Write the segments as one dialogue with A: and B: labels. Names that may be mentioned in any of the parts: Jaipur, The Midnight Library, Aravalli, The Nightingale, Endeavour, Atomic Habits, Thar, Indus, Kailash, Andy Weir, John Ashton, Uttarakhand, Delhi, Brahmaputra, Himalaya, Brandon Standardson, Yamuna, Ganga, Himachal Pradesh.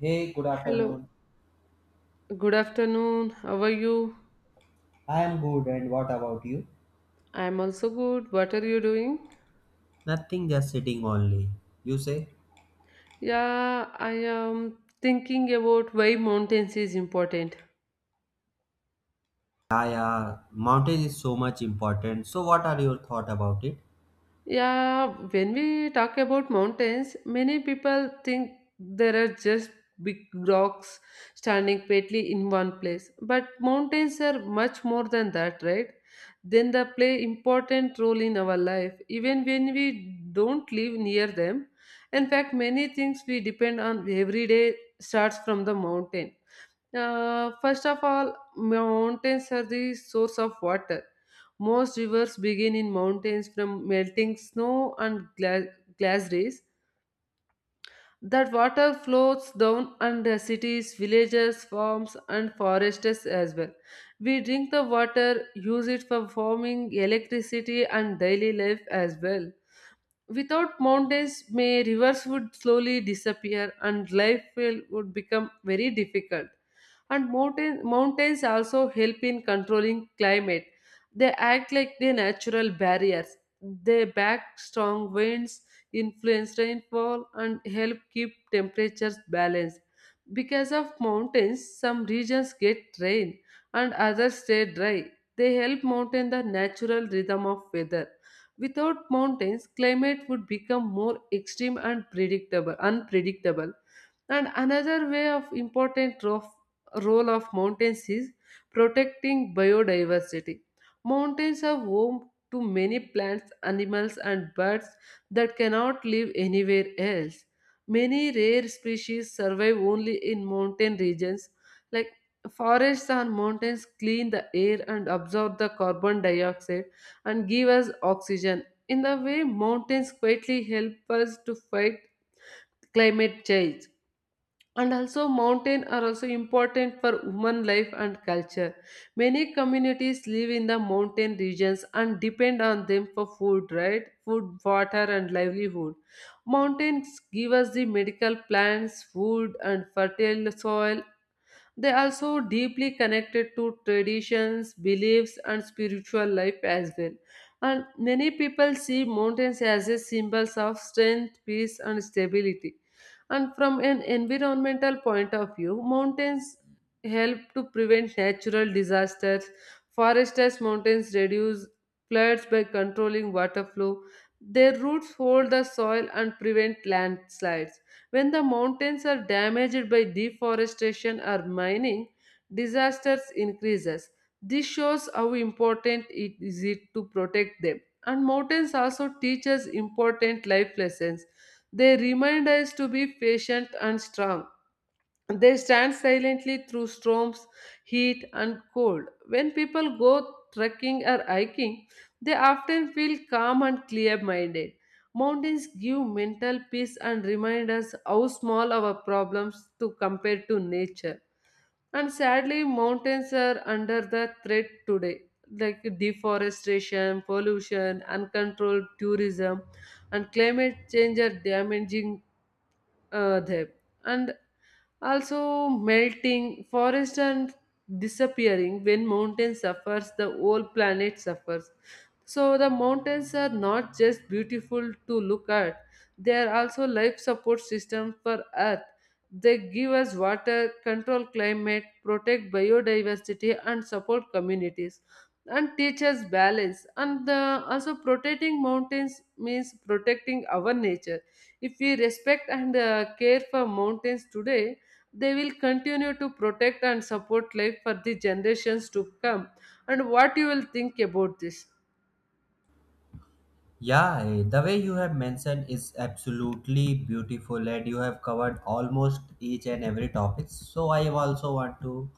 A: Hey, good
B: Hello,
A: afternoon.
B: good afternoon. How are you?
A: I am good, and what about you?
B: I'm also good. What are you doing?
A: Nothing, just sitting only. You say?
B: Yeah, I am thinking about why mountains is important.
A: Yeah, yeah. Mountain is so much important. So, what are your thought about it?
B: Yeah, when we talk about mountains, many people think there are just big rocks standing quietly in one place. But mountains are much more than that, right? Then they play important role in our life, even when we don't live near them. In fact, many things we depend on every day starts from the mountain. First of all, mountains are the source of water, most rivers begin in mountains from melting snow and glass rays. That water flows down under cities, villages, farms, and forests as well. We drink the water, use it for farming, electricity, and daily life as well. Without mountains, may rivers would slowly disappear and life would become very difficult. And mountains also help in controlling climate. They act like the natural barriers. They back strong winds, influence rainfall, and help keep temperatures balanced. Because of mountains, some regions get rain and others stay dry. They help maintain the natural rhythm of weather. Without mountains, climate would become more extreme and unpredictable. And another way of important role of mountains is protecting biodiversity. Mountains are home to many plants, animals, and birds that cannot live anywhere else. Many rare species survive only in mountain regions. Like forests and mountains clean the air and absorb the carbon dioxide and give us oxygen. In the way, mountains quietly help us to fight climate change. And also, mountains are also important for human life and culture. Many communities live in the mountain regions and depend on them for food, right? Food, water, and livelihood. Mountains give us the medical plants, food, and fertile soil, they are also deeply connected to traditions, beliefs, and spiritual life as well. And many people see mountains as a symbols of strength, peace, and stability. And from an environmental point of view, mountains help to prevent natural disasters. Forested mountains reduce floods by controlling water flow. Their roots hold the soil and prevent landslides. When the mountains are damaged by deforestation or mining, disasters increases. This shows how important it is it to protect them. And mountains also teach us important life lessons. They remind us to be patient and strong, they stand silently through storms, heat, and cold. When people go trekking or hiking, they often feel calm and clear minded. Mountains give mental peace and remind us how small our problems to compare to nature. And sadly, mountains are under the threat today, like deforestation, pollution, uncontrolled tourism, and climate change are damaging there and also melting forest and disappearing, when mountain suffers the whole planet suffers, so the mountains are not just beautiful to look at, they are also life support system for earth. They give us water, control climate, protect biodiversity, and support communities, and teach us balance, and also protecting mountains means protecting our nature. If we respect and care for mountains today, they will continue to protect and support life for the generations to come. And what you will think about this?
A: Yeah, the way you have mentioned is absolutely beautiful, and you have covered almost each and every topic. So, I also want to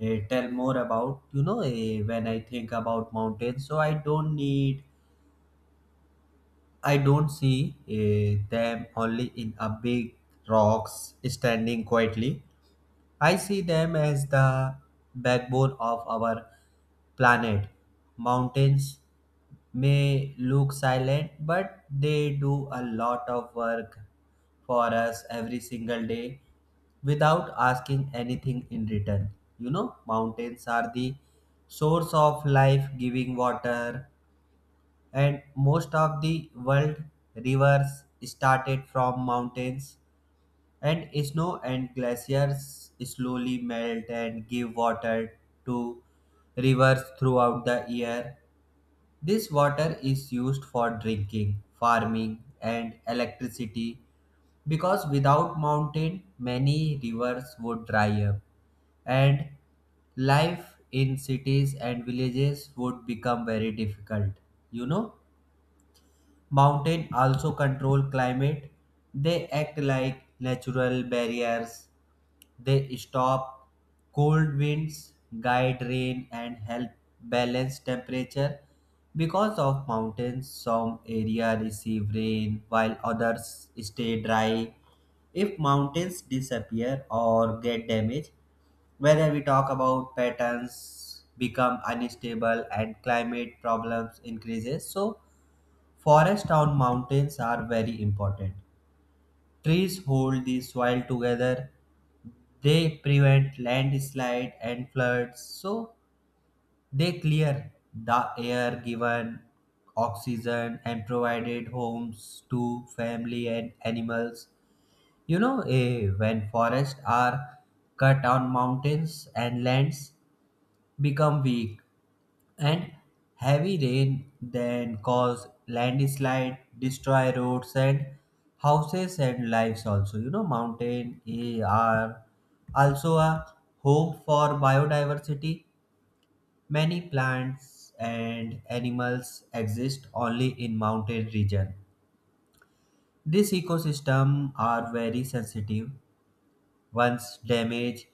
A: tell more about when I think about mountains. So, I don't see them only in a big rocks standing quietly. I see them as the backbone of our planet. Mountains may look silent, but they do a lot of work for us every single day without asking anything in return. You know, mountains are the source of life, giving water, and most of the world rivers started from mountains and snow and glaciers slowly melt and give water to rivers throughout the year. This water is used for drinking, farming, and electricity, because without mountain many rivers would dry up and life in cities and villages would become very difficult. You know, mountain also control climate. They act like natural barriers. They stop cold winds, guide rain, and help balance temperature. Because of mountains, some areas receive rain while others stay dry. If mountains disappear or get damaged, whether we talk about patterns become unstable and climate problems increases. So forests on mountains are very important. Trees hold the soil together, they prevent landslide and floods, so they clear the air, given oxygen, and provided homes to family and animals. You know, when forests are cut on mountains and lands become weak, and heavy rain then cause landslide, destroy roads and houses and lives also. You know, mountain are also a home for biodiversity. Many plants and animals exist only in mountain region. These ecosystem are very sensitive. Once damaged,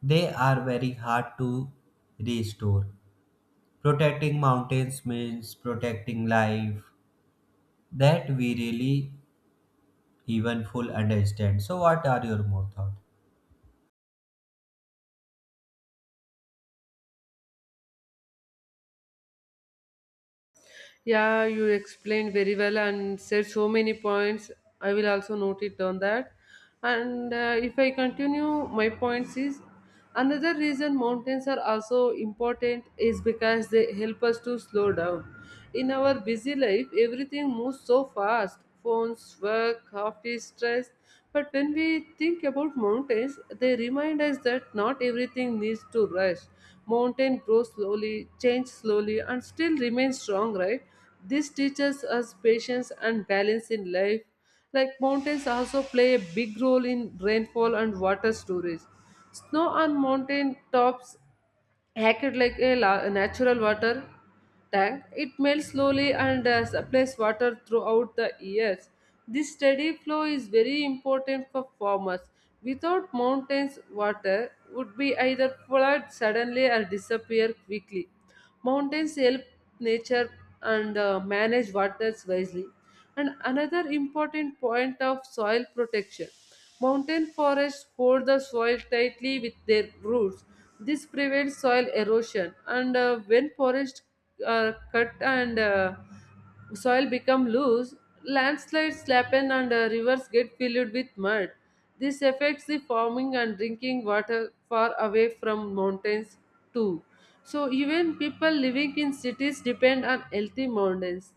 A: they are very hard to restore. Protecting mountains means protecting life that we really even full understand. So what are your more thought?
B: Yeah, you explained very well and said so many points. I will also note it on that. And if I continue, my points is another reason mountains are also important is because they help us to slow down. In our busy life, everything moves so fast, phones, work, office, stress. But when we think about mountains, they remind us that not everything needs to rush. Mountain grows slowly, change slowly, and still remains strong, right? This teaches us patience and balance in life. Like mountains also play a big role in rainfall and water storage. Snow on mountain tops acted like a natural water tank. It melts slowly and supplies water throughout the years. This steady flow is very important for farmers. Without mountains, water would be either flood suddenly or disappear quickly. Mountains help nature and manage waters wisely. And another important point of soil protection. Mountain forests hold the soil tightly with their roots. This prevents soil erosion. And when forests are cut and soil become loose, landslides happen and rivers get filled with mud. This affects the farming and drinking water far away from mountains too. So even people living in cities depend on healthy mountains,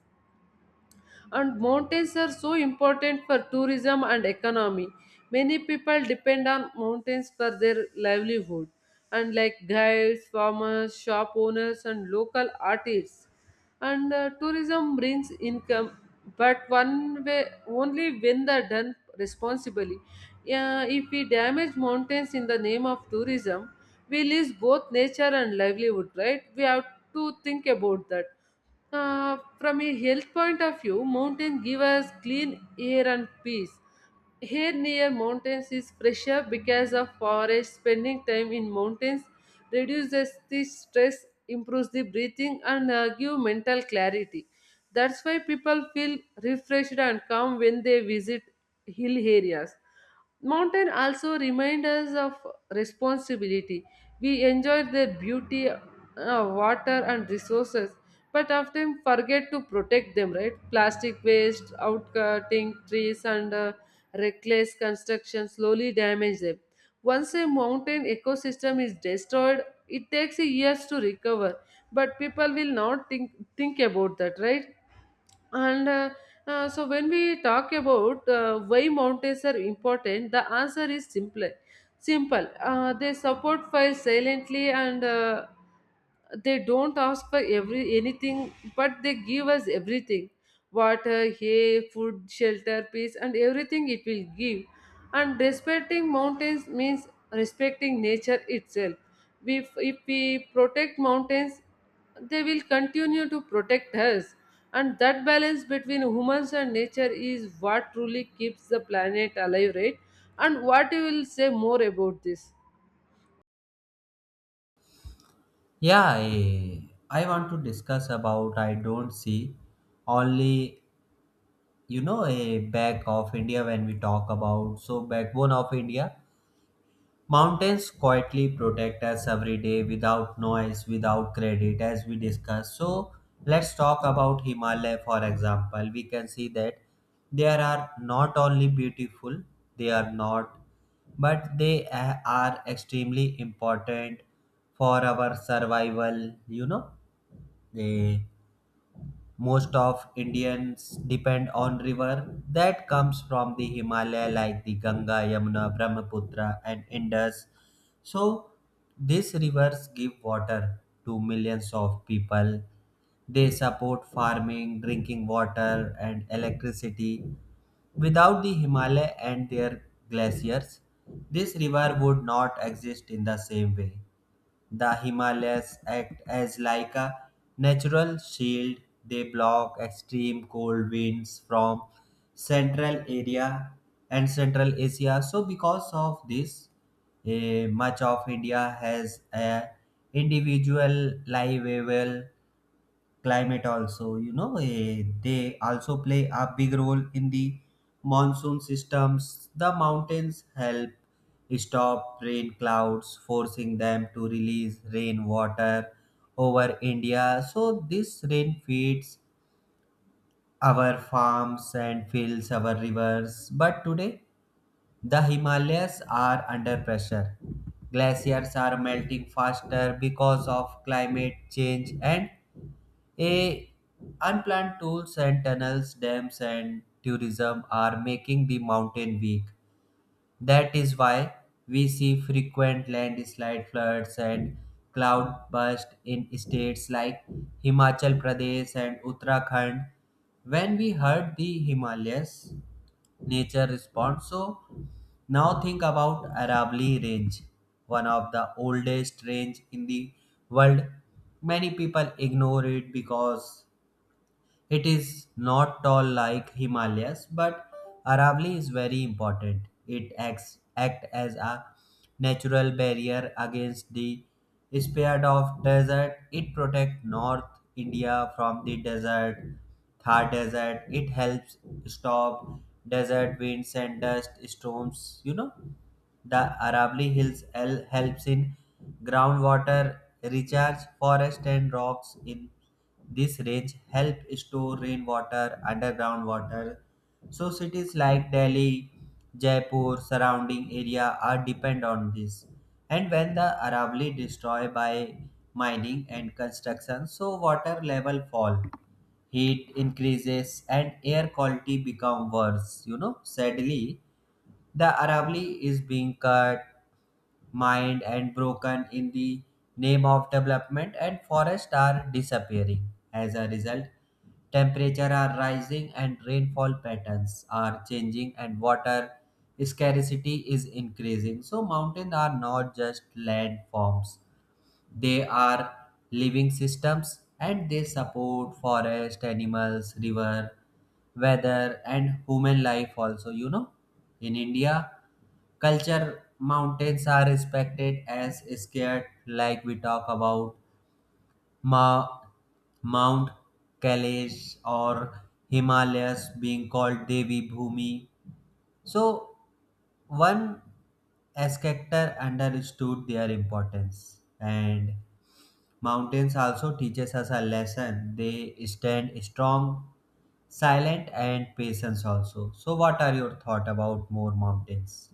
B: and mountains are so important for tourism and economy. Many people depend on mountains for their livelihood, and like guides, farmers, shop owners, and local artists, and tourism brings income, but one way only when they're done responsibly. Yeah, if we damage mountains in the name of tourism, we lose both nature and livelihood, right? We have to think about that. From a health point of view, mountains give us clean air and peace. Air near mountains is fresher because of forest. Spending time in mountains reduces the stress, improves the breathing, and give mental clarity. That's why people feel refreshed and calm when they visit hill areas. Mountain also remind us of responsibility. We enjoy their beauty, water, and resources, but often forget to protect them, right? Plastic waste, outcutting trees, and reckless construction slowly damage them. Once a mountain ecosystem is destroyed, it takes years to recover, but people will not think about that, right? And so, when we talk about why mountains are important, the answer is simple. Simple. They support fire silently, and they don't ask for every anything, but they give us everything: water, hay, food, shelter, peace, and everything it will give. And respecting mountains means respecting nature itself. We, if we protect mountains, they will continue to protect us, and that balance between humans and nature is what truly keeps the planet alive, right? And what you will say more about this?
A: Yeah, I want to discuss about, I don't see only, a back of India, when we talk about, so backbone of India. Mountains quietly protect us every day without noise, without credit, as we discussed. So, let's talk about Himalaya, for example. We can see that there are not only beautiful, they are not, but they are extremely important for our survival. You know, they, most of Indians depend on river that comes from the Himalaya like the Ganga, Yamuna, Brahmaputra and Indus. So these rivers give water to millions of people. They support farming, drinking water and electricity. Without the Himalaya and their glaciers, this river would not exist in the same way. The Himalayas act as like a natural shield. They block extreme cold winds from central area and central Asia. So because of this, much of India has a individual livable climate also. You know, they also play a big role in the monsoon systems. The mountains help stop rain clouds, forcing them to release rainwater over India. So this rain feeds our farms and fills our rivers, but today the Himalayas are under pressure. Glaciers are melting faster because of climate change, and a unplanned tools and tunnels, dams and tourism are making the mountain weak. That is why we see frequent landslide, floods and cloud burst in states like Himachal Pradesh and Uttarakhand. When we heard the Himalayas, nature responds. So now think about Aravalli Range, one of the oldest range in the world. Many people ignore it because it is not tall like Himalayas, but Aravali is very important. It act as a natural barrier against the spread of desert. It protects North India from the desert, Thar desert. It helps stop desert winds and dust storms. You know, the Arable Hills L helps in groundwater recharge. Forests and rocks in this range help store rainwater, underground water. So cities like Delhi, Jaipur, surrounding area are depend on this. And when the Arable destroyed by mining and construction, so water level fall, heat increases, and air quality become worse. You know, sadly, the Arable is being cut, mined and broken in the name of development, and forests are disappearing. As a result, temperature are rising and rainfall patterns are changing and water scarcity is increasing. So mountains are not just landforms. They are living systems and they support forest, animals, river, weather and human life also, you know. In India, culture mountains are respected as scared, like we talk about Ma- mount Kailash or Himalayas being called Devi Bhumi. So one Escactor understood their importance, and mountains also teaches us a lesson. They stand strong, silent and patience also. So what are your thought about more mountains?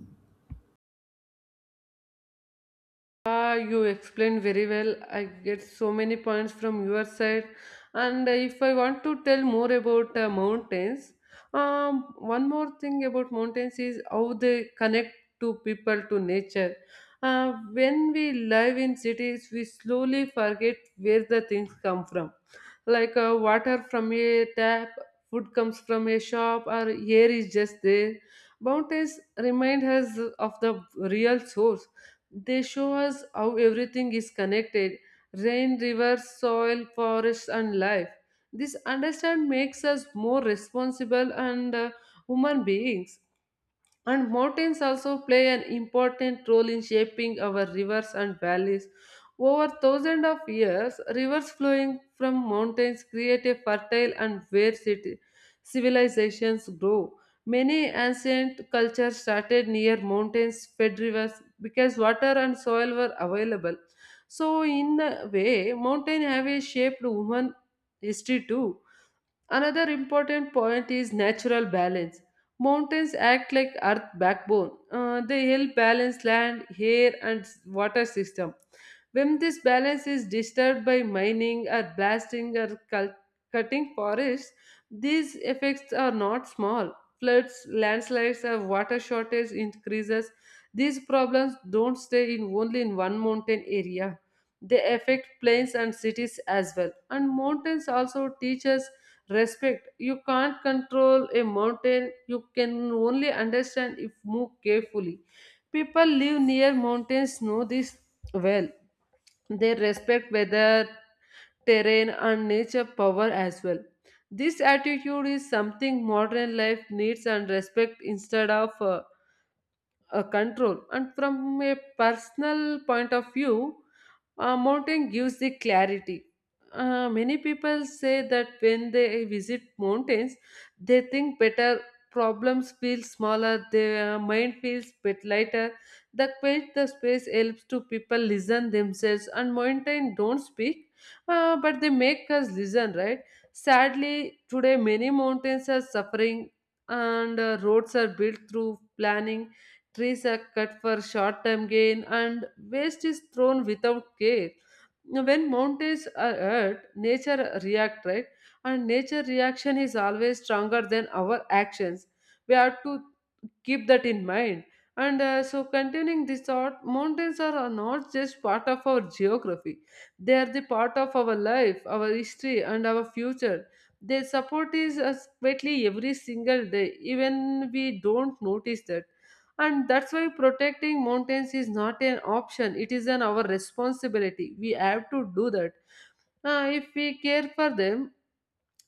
B: Ah, you explained very well. I get so many points from your side. And if I want to tell more about mountains, one more thing about mountains is how they connect to people to nature. When we live in cities, we slowly forget where the things come from, like water from a tap, food comes from a shop, or air is just there. Mountains remind us of the real source, they show us how everything is connected, rain, rivers, soil, forests, and life. This understand makes us more responsible and human beings. And mountains also play an important role in shaping our rivers and valleys. Over thousands of years, rivers flowing from mountains create a fertile and where civilizations grow. Many ancient cultures started near mountains fed rivers because water and soil were available. So, in a way, mountains have a shaped human history too. Another important point is natural balance. Mountains act like earth backbone. They help balance land, air, and water system. When this balance is disturbed by mining or blasting or cutting forests, these effects are not small. Floods, landslides, or water shortage increases. These problems don't stay in only in one mountain area. They affect plains and cities as well. And mountains also teach us respect. You can't control a mountain. You can only understand if move carefully. People live near mountains know this well. They respect weather, terrain, and nature power as well. This attitude is something modern life needs and respect instead of control. And from a personal point of view, mountain gives the clarity. Uh, many people say that when they visit mountains, they think better, problems feel smaller, their mind feels bit lighter. The quiet, the space helps to people listen themselves, and mountain don't speak, but they make us listen, right? Sadly today many mountains are suffering, and roads are built through planning. Trees are cut for short term gain, and waste is thrown without care. When mountains are hurt, nature react, right? And nature reaction is always stronger than our actions. We have to keep that in mind. And so, continuing this thought, mountains are not just part of our geography, they are the part of our life, our history, and our future. Their support is us quietly every single day, even we don't notice that, and that's why protecting mountains is not an option, it is an our responsibility, we have to do that. If we care for them,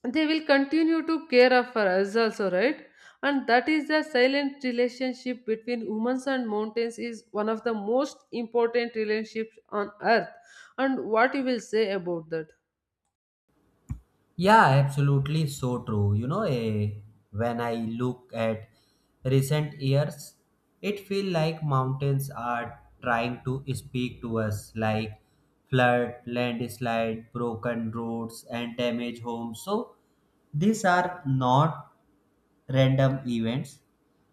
B: they will continue to care of for us also, right? And that is the silent relationship between humans and mountains is one of the most important relationships on earth. And what you will say about that?
A: Yeah, absolutely so true. You know, when I look at recent years, it feels like mountains are trying to speak to us like flood, landslide, broken roads and damaged homes. So these are not random events.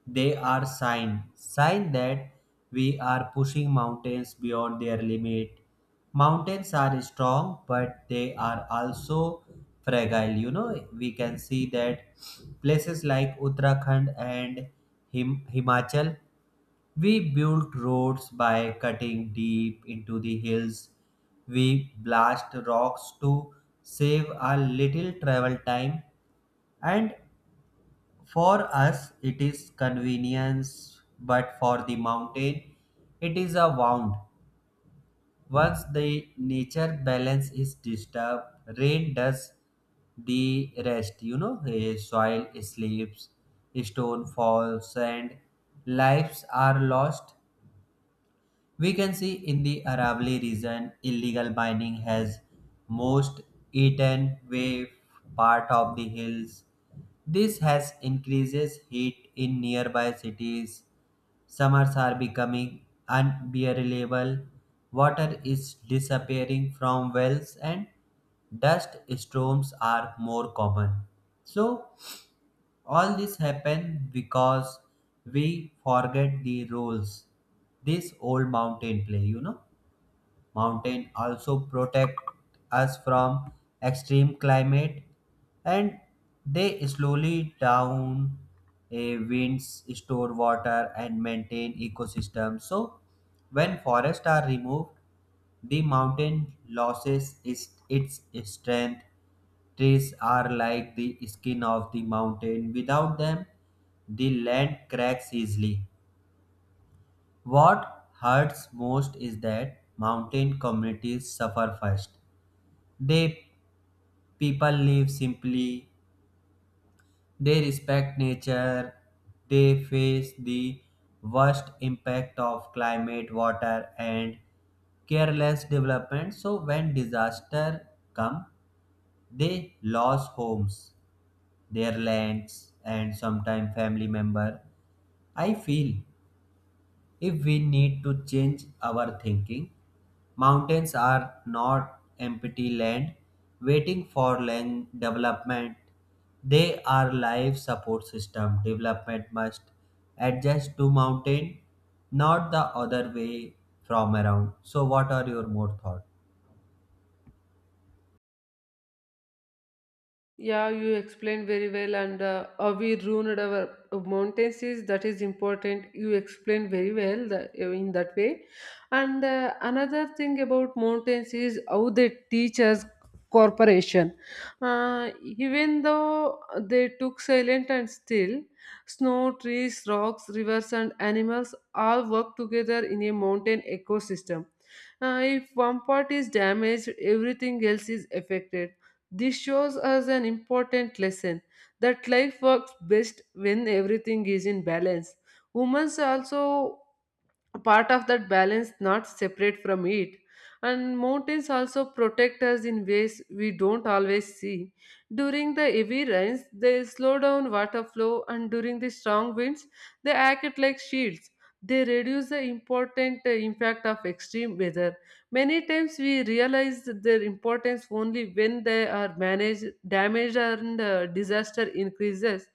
A: They are sign that we are pushing mountains beyond their limit. Mountains are strong, but they are also fragile. You know, we can see that places like Uttarakhand and Himachal, we built roads by cutting deep into the hills. We blast rocks to save a little travel time. And for us, it is convenience, but for the mountain, it is a wound. Once the nature balance is disturbed, rain does the rest. You know, soil sleeps, stone falls, and lives are lost. We can see in the Aravalli region, illegal mining has most eaten away part of the hills. This has increases heat in nearby cities. Summers are becoming unbearable. Water is disappearing from wells and dust storms are more common. So all this happen because we forget the rules. This old mountain play, you know. Mountain also protect us from extreme climate, and they slowly down a winds, store water and maintain ecosystem. So when forests are removed, the mountain loses is its strength. Trees are like the skin of the mountain. Without them, the land cracks easily. What hurts most is that mountain communities suffer first. They, people live simply, they respect nature, they face the worst impact of climate, water and careless development. So when disaster come, they lost homes, their lands and sometimes family member. I feel if we need to change our thinking, mountains are not empty land waiting for land development. They are life support system. Development must adjust to mountain, not the other way from around. So what are your more thoughts?
B: Yeah, you explained very well, and we ruined our mountains. Is that is important? You explained very well that, in that way. And another thing about mountains is how they teach us corporation. Even though they took silent and still, snow, trees, rocks, rivers, and animals all work together in a mountain ecosystem. If one part is damaged, everything else is affected, this shows us an important lesson that life works best when everything is in balance. Humans also a part of that balance, not separate from it. And mountains also protect us in ways we don't always see. During the heavy rains, they slow down water flow, and during the strong winds, they act like shields. They reduce the important impact of extreme weather. Many times we realize their importance only when they are managed damage and disaster increases.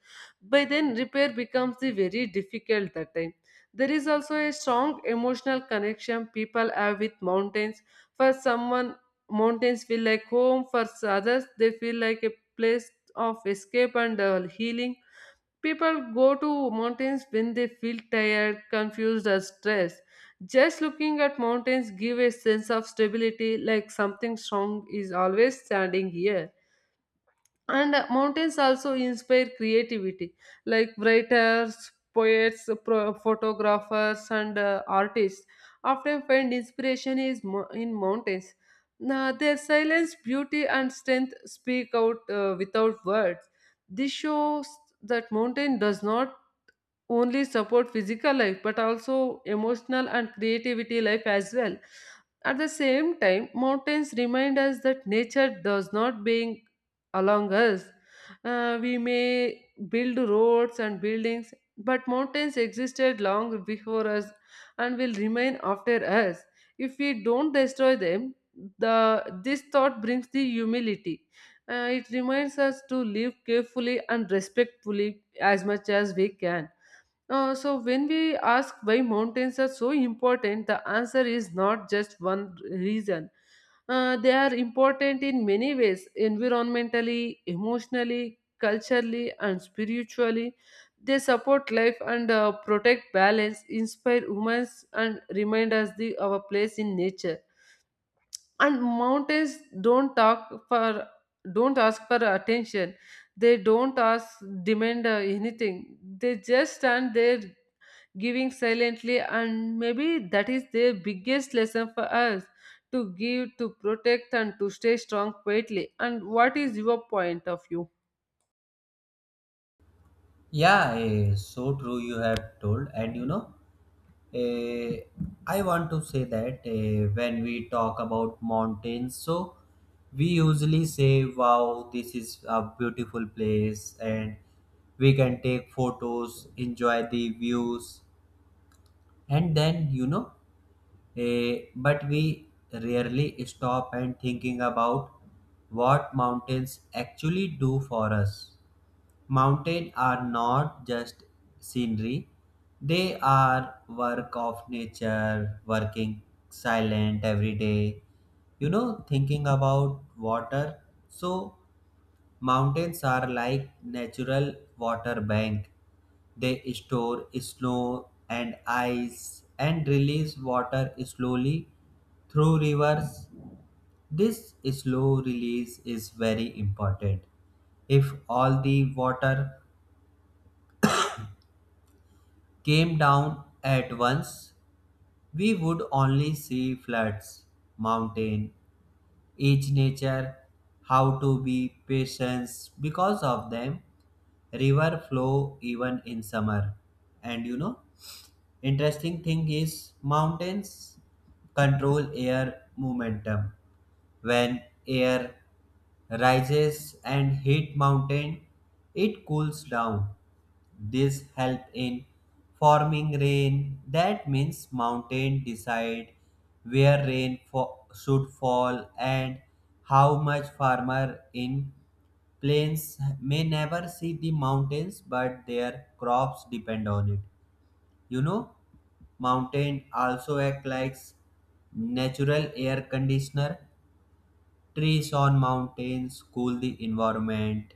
B: By then repair becomes the very difficult that time. There is also a strong emotional connection people have with mountains. For someone, mountains feel like home. For others, they feel like a place of escape and healing. People go to mountains when they feel tired, confused, or stressed. Just looking at mountains give a sense of stability, like something strong is always standing here. And mountains also inspire creativity, like writers, poets, photographers, and artists often find inspiration is in mountains. Now, their silence, beauty, and strength speak out without words. This shows that mountain does not only support physical life but also emotional and creativity life as well. At the same time, mountains remind us that nature does not being along us. We may build roads and buildings, but mountains existed long before us and will remain after us if we don't destroy them. The this thought brings the humility. It reminds us to live carefully and respectfully as much as we can. So, when we ask why mountains are so important, the answer is not just one reason. They are important in many ways, environmentally, emotionally, culturally, and spiritually. They support life and protect balance, inspire humans, and remind us the, our place in nature. And mountains don't talk for don't ask for attention. They don't ask demand anything. They just stand there giving silently, and maybe that is their biggest lesson for us, to give, to protect, and to stay strong quietly. And what is your point of view?
A: Yeah, so true you have told, and you know, Eh, I want to say that when we talk about mountains, so we usually say, wow, this is a beautiful place, and we can take photos, enjoy the views, and then, but we rarely stop and thinking about what mountains actually do for us. Mountains are not just scenery, they are work of nature, working silent every day. You know, thinking about water, so mountains are like natural water bank. They store snow and ice and release water slowly through rivers. This slow release is very important. If all the water came down at once, we would only see floods, mountain, each nature, how to be patient. Because of them, river flow even in summer. And you know, interesting thing is mountains control air momentum. When air rises and heat mountain, it cools down. This help in forming rain. That means mountain decide where rain should fall and how much. Farmer in plains may never see the mountains but their crops depend on it. You know, mountain also act like natural air conditioner. Trees on mountains cool the environment,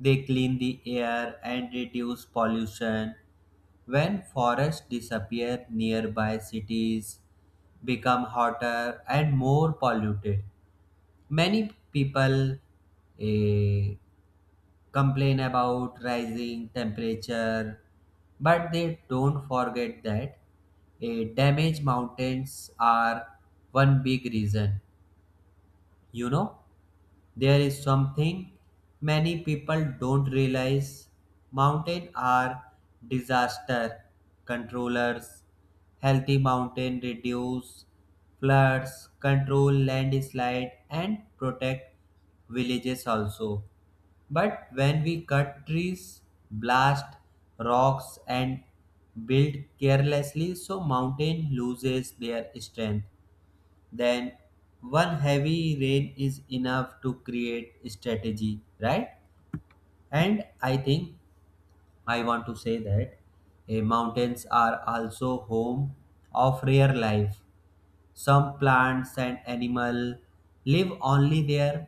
A: they clean the air and reduce pollution. When forests disappear, nearby cities become hotter and more polluted. Many people eh, complain about rising temperature, but they don't forget that damaged mountains are one big reason, you know. There is something many people don't realize. Mountains are disaster controllers. Healthy mountain reduce floods, control landslide and protect villages also. But when we cut trees, blast rocks and build carelessly, so mountain loses their strength, then one heavy rain is enough to create strategy, right? And I think, I want to say that mountains are also home of rare life. Some plants and animal live only there.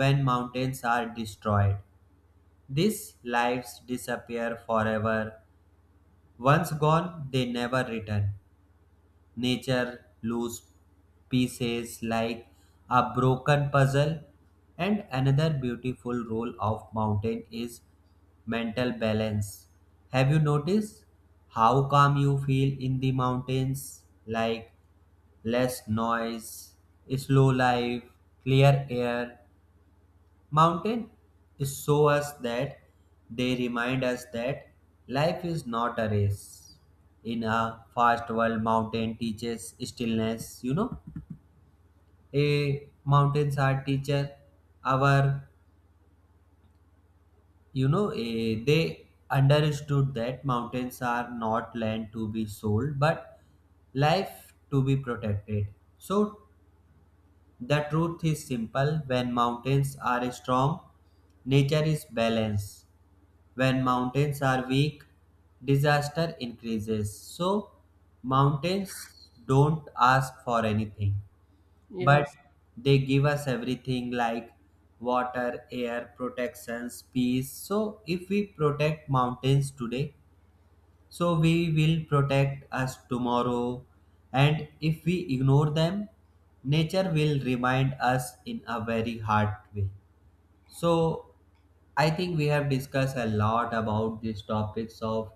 A: When mountains are destroyed, these lives disappear forever. Once gone, they never return. Nature lose pieces like a broken puzzle. And another beautiful role of mountain is mental balance. Have you noticed how calm you feel in the mountains, like less noise, slow life, clear air? Mountain is show us that, they remind us that life is not a race. In a fast world, mountain teaches stillness. You know, a mountains are teacher. Our, they understood that mountains are not land to be sold, but life to be protected. So the truth is simple. When mountains are strong, nature is balanced. When mountains are weak, disaster increases. So, mountains don't ask for anything, but
B: Yes.
A: they give us everything like water, air, protections, peace. So, if we protect mountains today, so we will protect us tomorrow. And if we ignore them, nature will remind us in a very hard way. So, I think we have discussed a lot about these topics of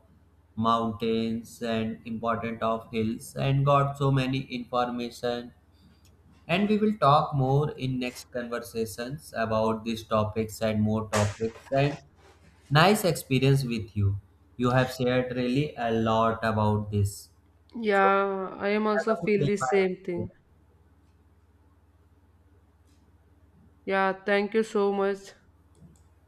A: mountains and important of hills and got so many information, and we will talk more in next conversations about these topics and more topics. And nice experience with you. You have shared really a lot about this. So
B: Yeah, I am
A: have
B: also
A: a good
B: feel
A: day.
B: the same
A: Bye.
B: thing. Yeah, thank you so much.